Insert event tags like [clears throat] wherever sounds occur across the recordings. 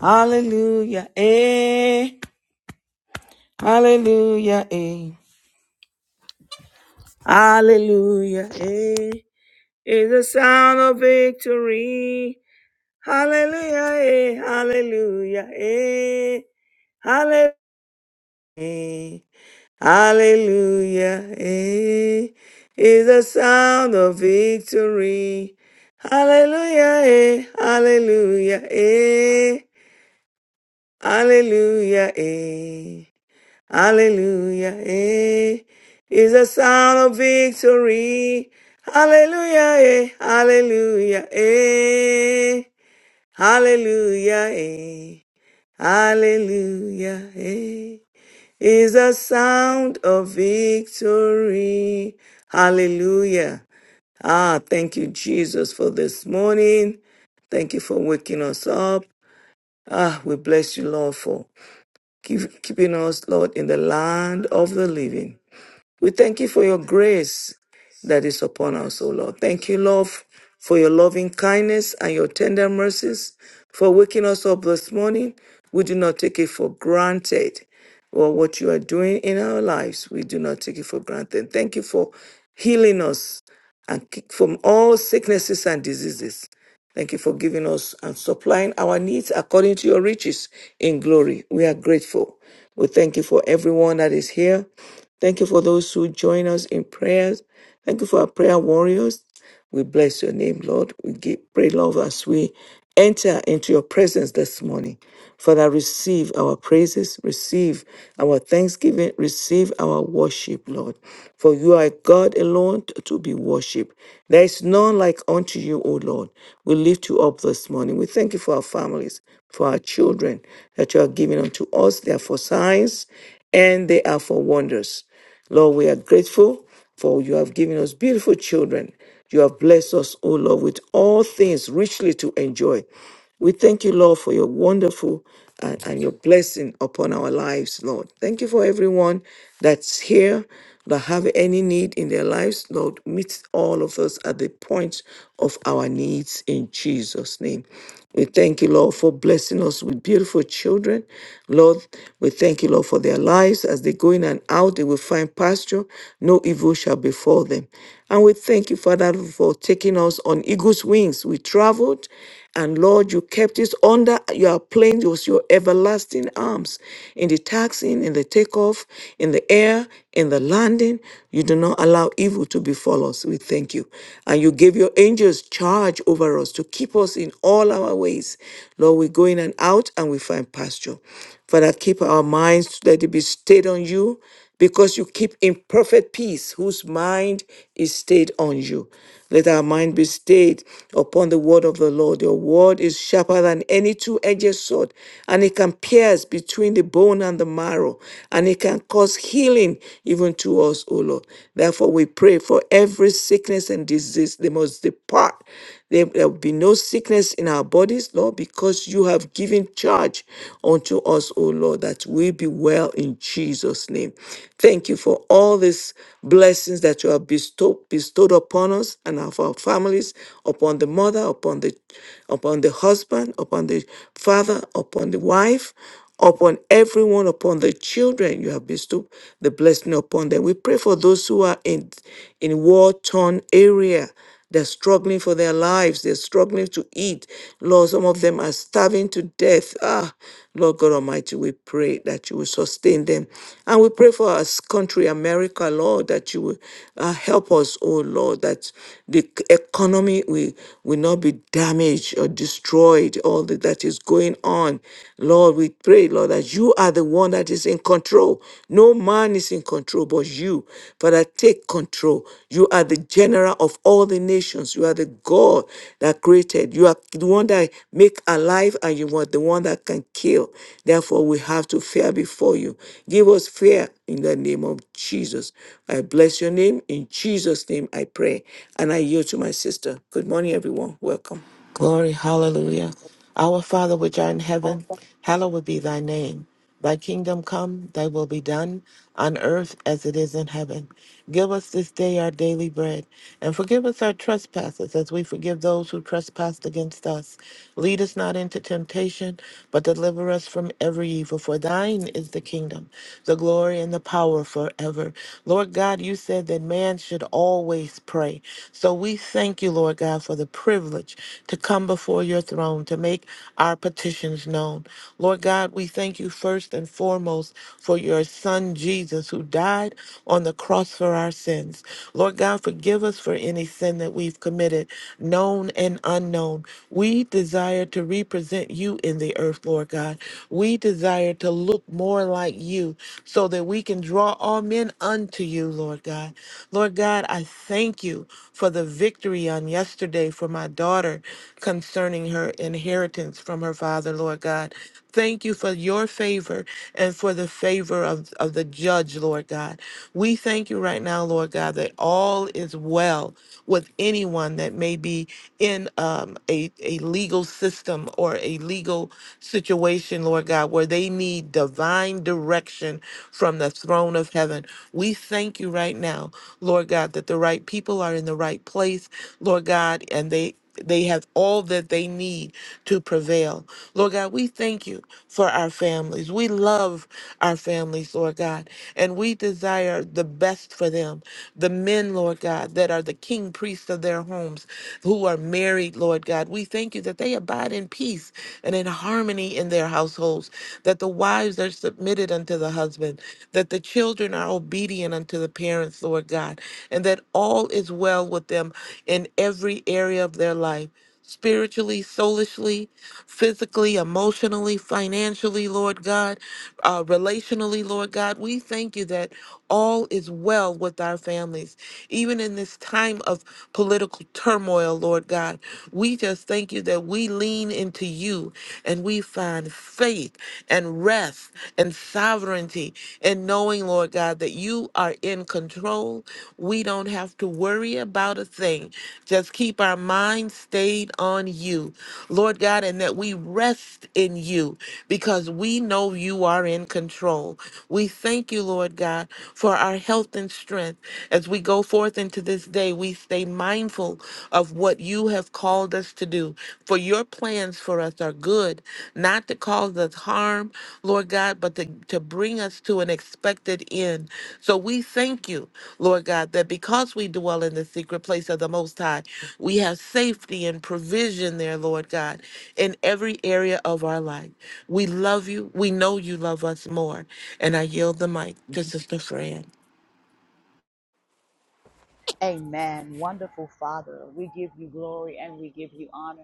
Hallelujah. Eh. Hallelujah. Eh. Hallelujah. Eh. Is the sound of victory. Hallelujah. Eh. Hallelujah. Eh. Hallelujah. Eh. Hallelujah. Eh. Is the sound of victory. Hallelujah. Eh. Hallelujah. Eh. Hallelujah. Eh. Hallelujah. Eh, is the sound of victory. Hallelujah. Eh, hallelujah. Eh, hallelujah. Eh, hallelujah. Eh, is the sound of victory. Hallelujah. Ah, thank you, Jesus, for this morning. Thank you for waking us up. Ah, we bless you, Lord, for keep, keeping us, Lord, in the land of the living. We thank you for your grace that is upon us, O Lord. Thank you, Lord, for your loving kindness and your tender mercies, for waking us up this morning. We do not take it for granted. Or what you are doing in our lives, we do not take it for granted. Thank you for healing us and ki- from all sicknesses and diseases. Thank you for giving us and supplying our needs according to your riches in glory. We are grateful. We thank you for everyone that is here. Thank you for those who join us in prayers. Thank you for our prayer warriors. We bless your name, Lord. We give, pray, love, as we enter into your presence this morning. Father, receive our praises, receive our thanksgiving, receive our worship, Lord. For you are God alone to be worshipped. There is none like unto you, O Lord. We lift you up this morning. We thank you for our families, for our children that you are giving unto us. They are for signs and they are for wonders. Lord, we are grateful for you have given us beautiful children. You have blessed us, O Lord, with all things richly to enjoy. We thank you, Lord, for your wonderful and, and your blessing upon our lives, Lord. Thank you for everyone that's here that have any need in their lives, Lord. Meet all of us at the point of our needs in Jesus' name. We thank you, Lord, for blessing us with beautiful children. Lord, we thank you, Lord, for their lives. As they go in and out, they will find pasture. No evil shall befall them. And we thank you, Father, for taking us on eagle's wings. We traveled, and Lord, you kept us under your plane. It was your everlasting arms in the taxing, in the takeoff, in the air, in the landing. You do not allow evil to befall us. We thank you. And you gave your angels charge over us to keep us in in all our ways. Lord, we're going and out and we find pasture. Father, keep our minds that it be stayed on you because you keep in perfect peace whose mind is stayed on you. Let our mind be stayed upon the word of the Lord. Your word is sharper than any two edged sword, and it can pierce between the bone and the marrow, and it can cause healing even to us, O Lord. Therefore, we pray for every sickness and disease, they must depart. There there will be no sickness in our bodies, Lord, because you have given charge unto us, O Lord, that we be well in Jesus' name. Thank you for all these blessings that you have bestowed, bestowed upon us and of our families, upon the mother, upon the upon the husband, upon the father, upon the wife, upon everyone, upon the children you have bestowed the blessing upon them. We pray for those who are in in war-torn area. They're struggling for their lives. They're struggling to eat. Lord, some of them are starving to death. Ah, Lord God Almighty, we pray that you will sustain them. And we pray for our country, America, Lord, that you will uh, help us, oh Lord, that the economy will, will not be damaged or destroyed, all the that that is going on. Lord, we pray, Lord, that you are the one that is in control. No man is in control but you. Father, take control. You are the general of all the nations. You are the God that created. You are the one that make alive and you are the one that can kill. Therefore, we have to fear before you. Give us fear in the name of Jesus. I bless your name. In Jesus' name, I pray. And I yield to my sister. Good morning, everyone. Welcome. Glory, hallelujah. Our Father which art in heaven, hallowed be thy name. Thy kingdom come, thy will be done, on earth as it is in heaven. Give us this day our daily bread, and forgive us our trespasses as we forgive those who trespass against us. Lead us not into temptation, but deliver us from every evil. For thine is the kingdom, the glory, and the power forever. Lord God, you said that man should always pray. So we thank you, Lord God, for the privilege to come before your throne to make our petitions known. Lord God, we thank you first and foremost for your son Jesus who died on the cross for our sins. Lord God, forgive us for any sin that we've committed, known and unknown. We desire to represent you in the earth, Lord God. We desire to look more like you so that we can draw all men unto you, Lord God. Lord God, I thank you for the victory on yesterday for my daughter concerning her inheritance from her father, Lord God. Thank you for your favor and for the favor of, of the judge, Lord God. We thank you right now, Lord God, that all is well with anyone that may be in um, a, a legal system or a legal situation, Lord God, where they need divine direction from the throne of heaven. We thank you right now, Lord God, that the right people are in the right place, Lord God, and they they have all that they need to prevail. Lord God, we thank you for our families. We love our families, Lord God, and we desire the best for them. The men, Lord God, that are the king priests of their homes who are married, Lord God. We thank you that they abide in peace and in harmony in their households, that the wives are submitted unto the husband, that the children are obedient unto the parents, Lord God, and that all is well with them in every area of their life. Spiritually, soulishly, physically, emotionally, financially, Lord God, uh, relationally, Lord God, we thank you that all is well with our families. Even in this time of political turmoil, Lord God. We just thank you that we lean into you and we find faith and rest and sovereignty and knowing, Lord God, that you are in control. We don't have to worry about a thing. Just keep our minds stayed on you, Lord God, and that we rest in you because we know you are in control. We thank you, Lord God, for our health and and strength. As we go forth into this day, we stay mindful of what you have called us to do. For your plans for us are good, not to cause us harm, Lord God, but to, to bring us to an expected end. So we thank you, Lord God, that because we dwell in the secret place of the Most High, we have safety and provision there, Lord God, in every area of our life. We love you. We know you love us more. And I yield the mic to Sister Fran. Amen. Wonderful Father, we give you glory and we give you honor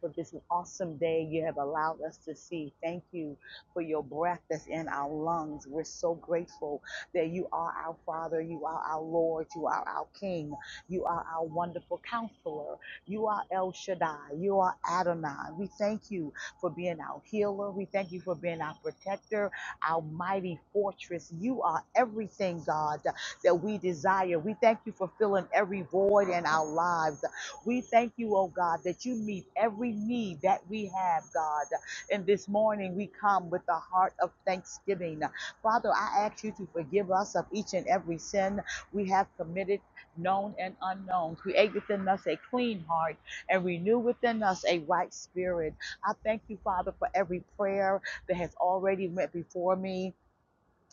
for this awesome day you have allowed us to see. Thank you for your breath that's in our lungs. We're so grateful that you are our Father, you are our Lord, you are our King, you are our wonderful counselor, you are El Shaddai, you are Adonai. We thank you for being our healer, we thank you for being our protector, our mighty fortress. You are everything, God that we desire. We thank you for filling every void in our lives. We thank you, oh God, that you meet every need that we have, God. And this morning we come with the heart of thanksgiving. Father, I ask you to forgive us of each and every sin we have committed, known and unknown. Create within us a clean heart and renew within us a right spirit. I thank you, Father, for every prayer that has already went before me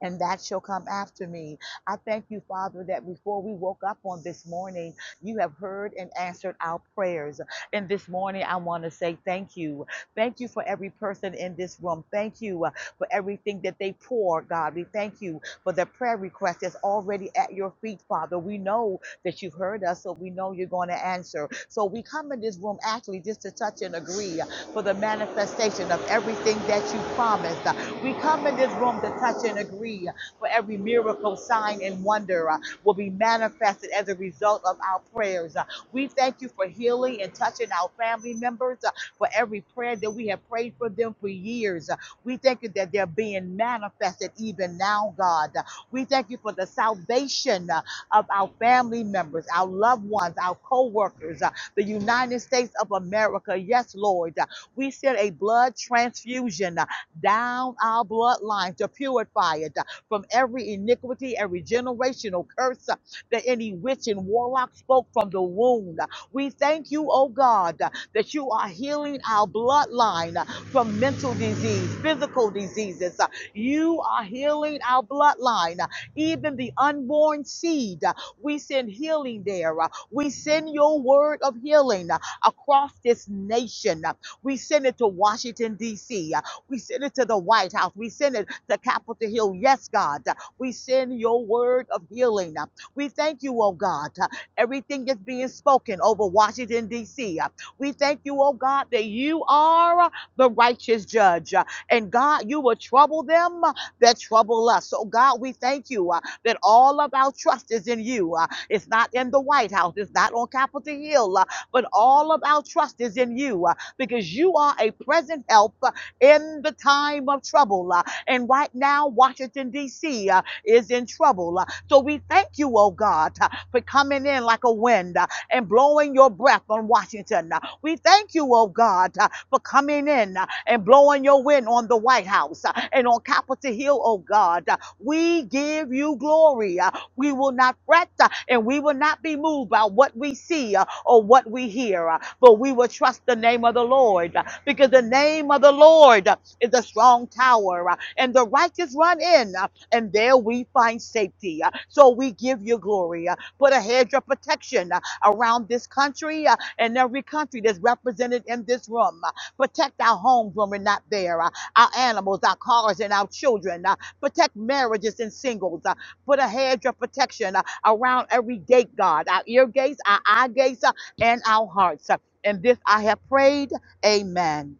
and that shall come after me. I thank you, Father, that before we woke up on this morning, you have heard and answered our prayers. And this morning, I want to say thank you. Thank you for every person in this room. Thank you uh, for everything that they pour, God. We thank you for the prayer request that's already at your feet, Father. We know that you've heard us, so we know you're going to answer. So we come in this room actually just to touch and agree for the manifestation of everything that you promised. We come in this room to touch and agree for every miracle, sign, and wonder uh, will be manifested as a result of our prayers. Uh, we thank you for healing and touching our family members uh, for every prayer that we have prayed for them for years. Uh, we thank you that they're being manifested even now, God. Uh, we thank you for the salvation uh, of our family members, our loved ones, our co workers, the United States of America. Yes, Lord. Uh, we send a blood transfusion. uh, down our bloodline to purify it uh, from every iniquity, every generational curse uh, that any witch and warlock spoke from the wound. We thank you, oh God, uh, that you are healing our bloodline uh, from mental disease, physical diseases. uh, You are healing our bloodline, uh, even the unborn seed. uh, We send healing there. uh, We send your word of healing uh, across this nation. uh, we send it to Washington, D.C. We send it to the White House. We send it to Capitol Hill. Yes, God. We send your word of healing. We thank you, oh God. Everything that's being spoken over Washington, D.C. We thank you, oh God, that you are the righteous judge. And God, you will trouble them that trouble us. So, God, we thank you uh, that all of our trust is in you. Uh, it's not in the White House, it's not on Capitol Hill, uh, but all of our trust is in you uh, because you are a present help in the time of trouble. uh, And right now, Washington, D.C. uh, is in trouble. uh, So we thank you, oh God, uh, for coming in like a wind uh, and blowing your breath on Washington. Uh, We thank you, oh God, uh, for coming in uh, and blowing your wind on the White House uh, and on Capitol Hill, oh God. Uh, We give you glory. Uh, We will not fret uh, and we will not be moved by what we see uh, or what we hear. Uh, but we will trust the name of the Lord uh, because the name of the Lord uh, is a strong tower uh, and the righteous run in uh, and there we find safety. uh, So we give you glory. uh, Put a hedge of protection uh, around this country uh, and every country that's represented in this room. uh, Protect our homes when we're not there, uh, our animals, our cars, and our children. uh, Protect marriages and singles. uh, Put a hedge of protection uh, around every gate, God, our ear gates, our eye gates, uh, and our hearts. And this I have prayed. Amen.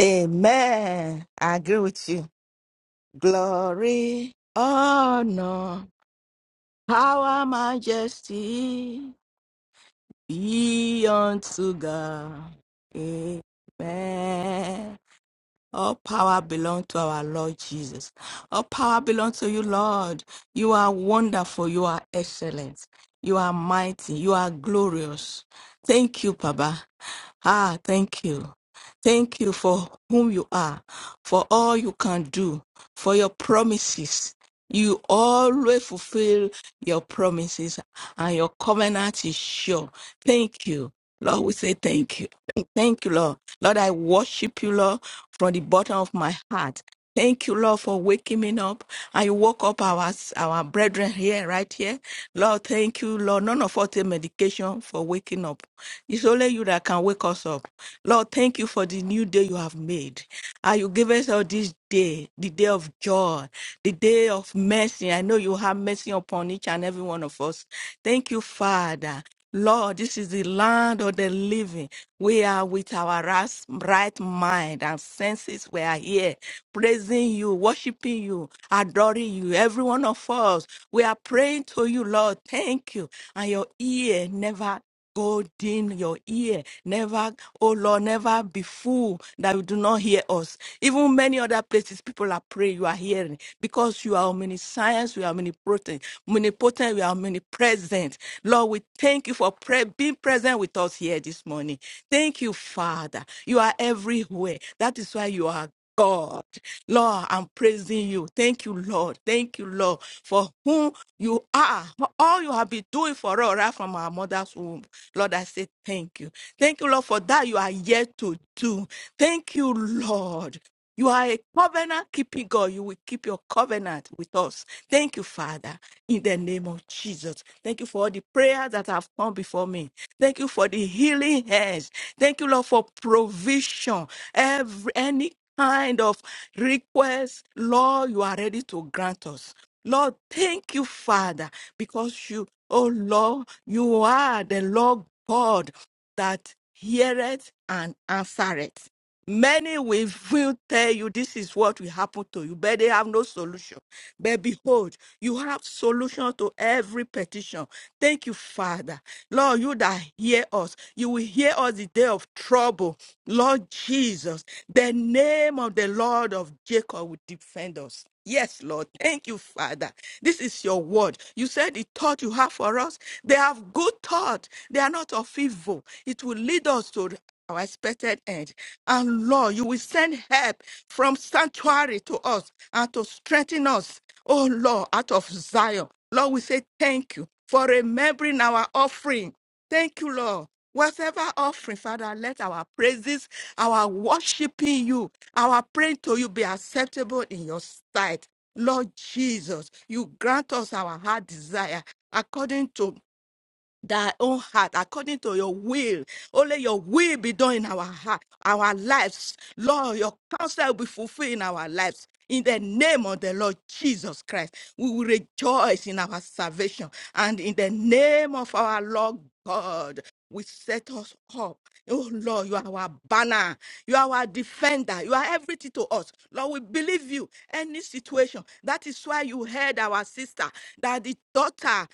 Amen. I agree with you. Glory, honor, power, majesty be unto God. Amen. All power belongs to our Lord Jesus. All power belongs to you, Lord. You are wonderful. You are excellent. You are mighty. You are glorious. Thank you, Baba. Ah, thank you. Thank you for whom you are, for all you can do, for your promises. You always fulfill your promises and your covenant is sure. Thank you. Lord, we say thank you. [clears throat] Thank you, Lord. Lord, I worship you, Lord, from the bottom of my heart. Thank you, Lord, for waking me up. I woke up our our brethren here, right here. Lord, thank you, Lord. None of us take medication for waking up. It's only you that can wake us up. Lord, thank you for the new day you have made. And you give us all this day, the day of joy, the day of mercy. I know you have mercy upon each and every one of us. Thank you, Father. Lord, this is the land of the living. We are with our ras- right mind and senses. We are here praising you, worshiping you, adoring you. Every one of us, we are praying to you, Lord. Thank you. And your ear never God in your ear. Never, oh Lord, never be fool that you do not hear us. Even many other places people are praying, you are hearing because you are omniscience, you are omnipotent, omnipotent, you are omnipresent. Lord, we thank you for pre- being present with us here this morning. Thank you, Father. You are everywhere. That is why you are. God. Lord, I'm praising you. Thank you, Lord. Thank you, Lord, for whom you are, for all you have been doing for us right from our mother's womb. Lord, I say thank you. Thank you, Lord, for that you are yet to do. Thank you, Lord. You are a covenant keeping God. You will keep your covenant with us. Thank you, Father, in the name of Jesus. Thank you for all the prayers that have come before me. Thank you for the healing hands. Thank you, Lord, for provision. Every any kind of request, Lord, you are ready to grant us. Lord, thank you, Father, because you, oh Lord, you are the Lord God that heareth and answereth. Many will, will tell you this is what will happen to you, but they have no solution. But behold, you have solution to every petition. Thank you, Father. Lord, you that hear us, you will hear us the day of trouble. Lord Jesus, the name of the Lord of Jacob will defend us. Yes, Lord. Thank you, Father. This is your word. You said the thought you have for us, they have good thought. They are not of evil. It will lead us to our expected end. And Lord, you will send help from sanctuary to us and to strengthen us. Oh Lord, out of Zion. Lord, we say thank you for remembering our offering. Thank you, Lord. Whatever offering, Father, let our praises, our worshiping you, our praying to you be acceptable in your sight. Lord Jesus, you grant us our heart desire according to thy own heart according to your will. Only your will be done in our heart, our lives. Lord, your counsel will be fulfilled in our lives. In the name of the Lord Jesus Christ, we will rejoice in our salvation. And in the name of our Lord God, we set us up. Oh Lord, you are our banner. You are our defender. You are everything to us. Lord, we believe you. Any situation. That is why you heard our sister, that the daughter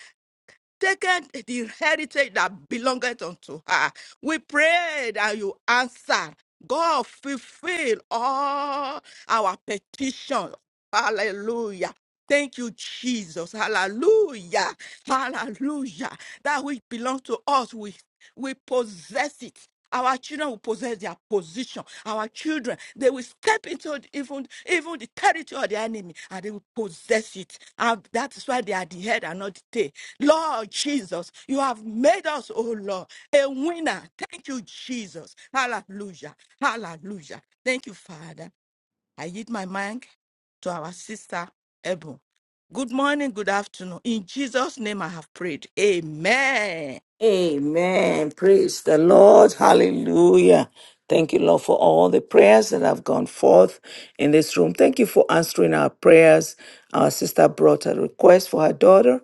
taken the heritage that belongeth unto her. We pray that you answer. God, fulfill all our petitions. Hallelujah. Thank you, Jesus. Hallelujah. Hallelujah. That which belongs to us, we we possess it. Our children will possess their position. Our children, they will step into even, even the territory of the enemy and they will possess it. And that is why they are the head and not the tail. Lord Jesus, you have made us, oh Lord, a winner. Thank you, Jesus. Hallelujah. Hallelujah. Thank you, Father. I yield my mic to our sister, Ebon. Good morning, good afternoon. In Jesus' name I have prayed. Amen. Amen. Praise the Lord. Hallelujah. Thank you, Lord, for all the prayers that have gone forth in this room. Thank you for answering our prayers. Our sister brought a request for her daughter,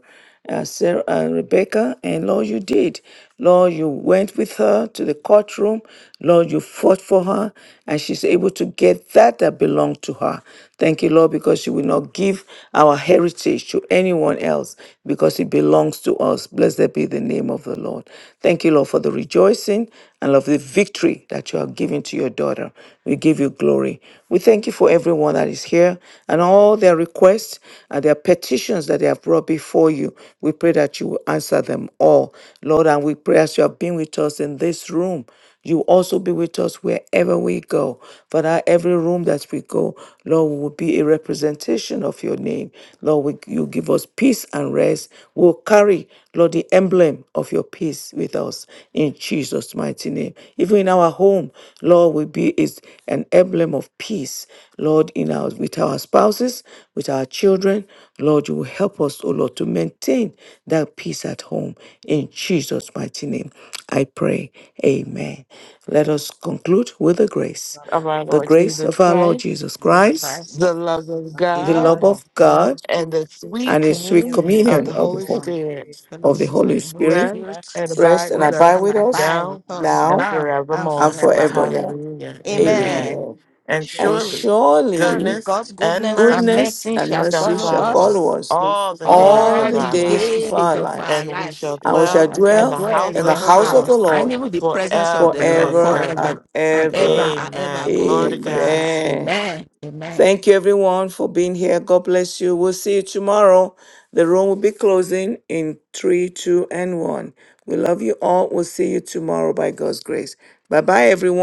uh, Sarah, uh, Rebecca, and Lord, you did. Lord, you went with her to the courtroom. Lord, you fought for her, and she's able to get that that belonged to her. Thank you, Lord, because you will not give our heritage through anyone else because it belongs to us. Blessed be the name of the Lord. Thank you, Lord, for the rejoicing and of the victory that you have given to your daughter. We give you glory. We thank you for everyone that is here and all their requests and their petitions that they have brought before you. We pray that you will answer them all, Lord. And we pray as you have been with us in this room. You also be with us wherever we go. Father, every room that we go, Lord, we will be a representation of your name. Lord, we, you give us peace and rest. We'll carry, Lord, the emblem of your peace with us in Jesus' mighty name. Even in our home, Lord, we be is an emblem of peace. Lord, in our with our spouses, with our children, Lord, you will help us, oh Lord, to maintain that peace at home in Jesus' mighty name. I pray. Amen. Let us conclude with the grace. of our The Lord grace Jesus of our Lord Christ, Jesus Jesus Christ, Christ. the love of The the God, love love of of God God, and the sweet and the sweet is communion in of the communion of the, Holy Ho- um, Spirit of the fellowship of Holy the Holy Spirit rest Spirit. and rest abide and with Rest us abide and with us abide with now us and now now and and forevermore. forevermore. forevermore. Hallelujah. Amen. Amen. Amen. And And surely surely Surely goodness God's and goodness and mercy goodness mercy and shall shall mercy follow shall follow us follow us us all the days all all of the the our days lives, of our days of our lives, and we lives. shall and we shall dwell And shall in dwell the dwell house in in the of the the house of the Lord house Lord and even the presence of the forever Lord and forever forever and ever. and ever ever. and ever Amen. be in Glory your to God. presence. Amen. Amen. Amen. Thank you, everyone, for being here. God bless you. We'll see you tomorrow. The room will be closing in three, two, and one. We love you all. We'll see you tomorrow by God's grace. Bye bye, everyone.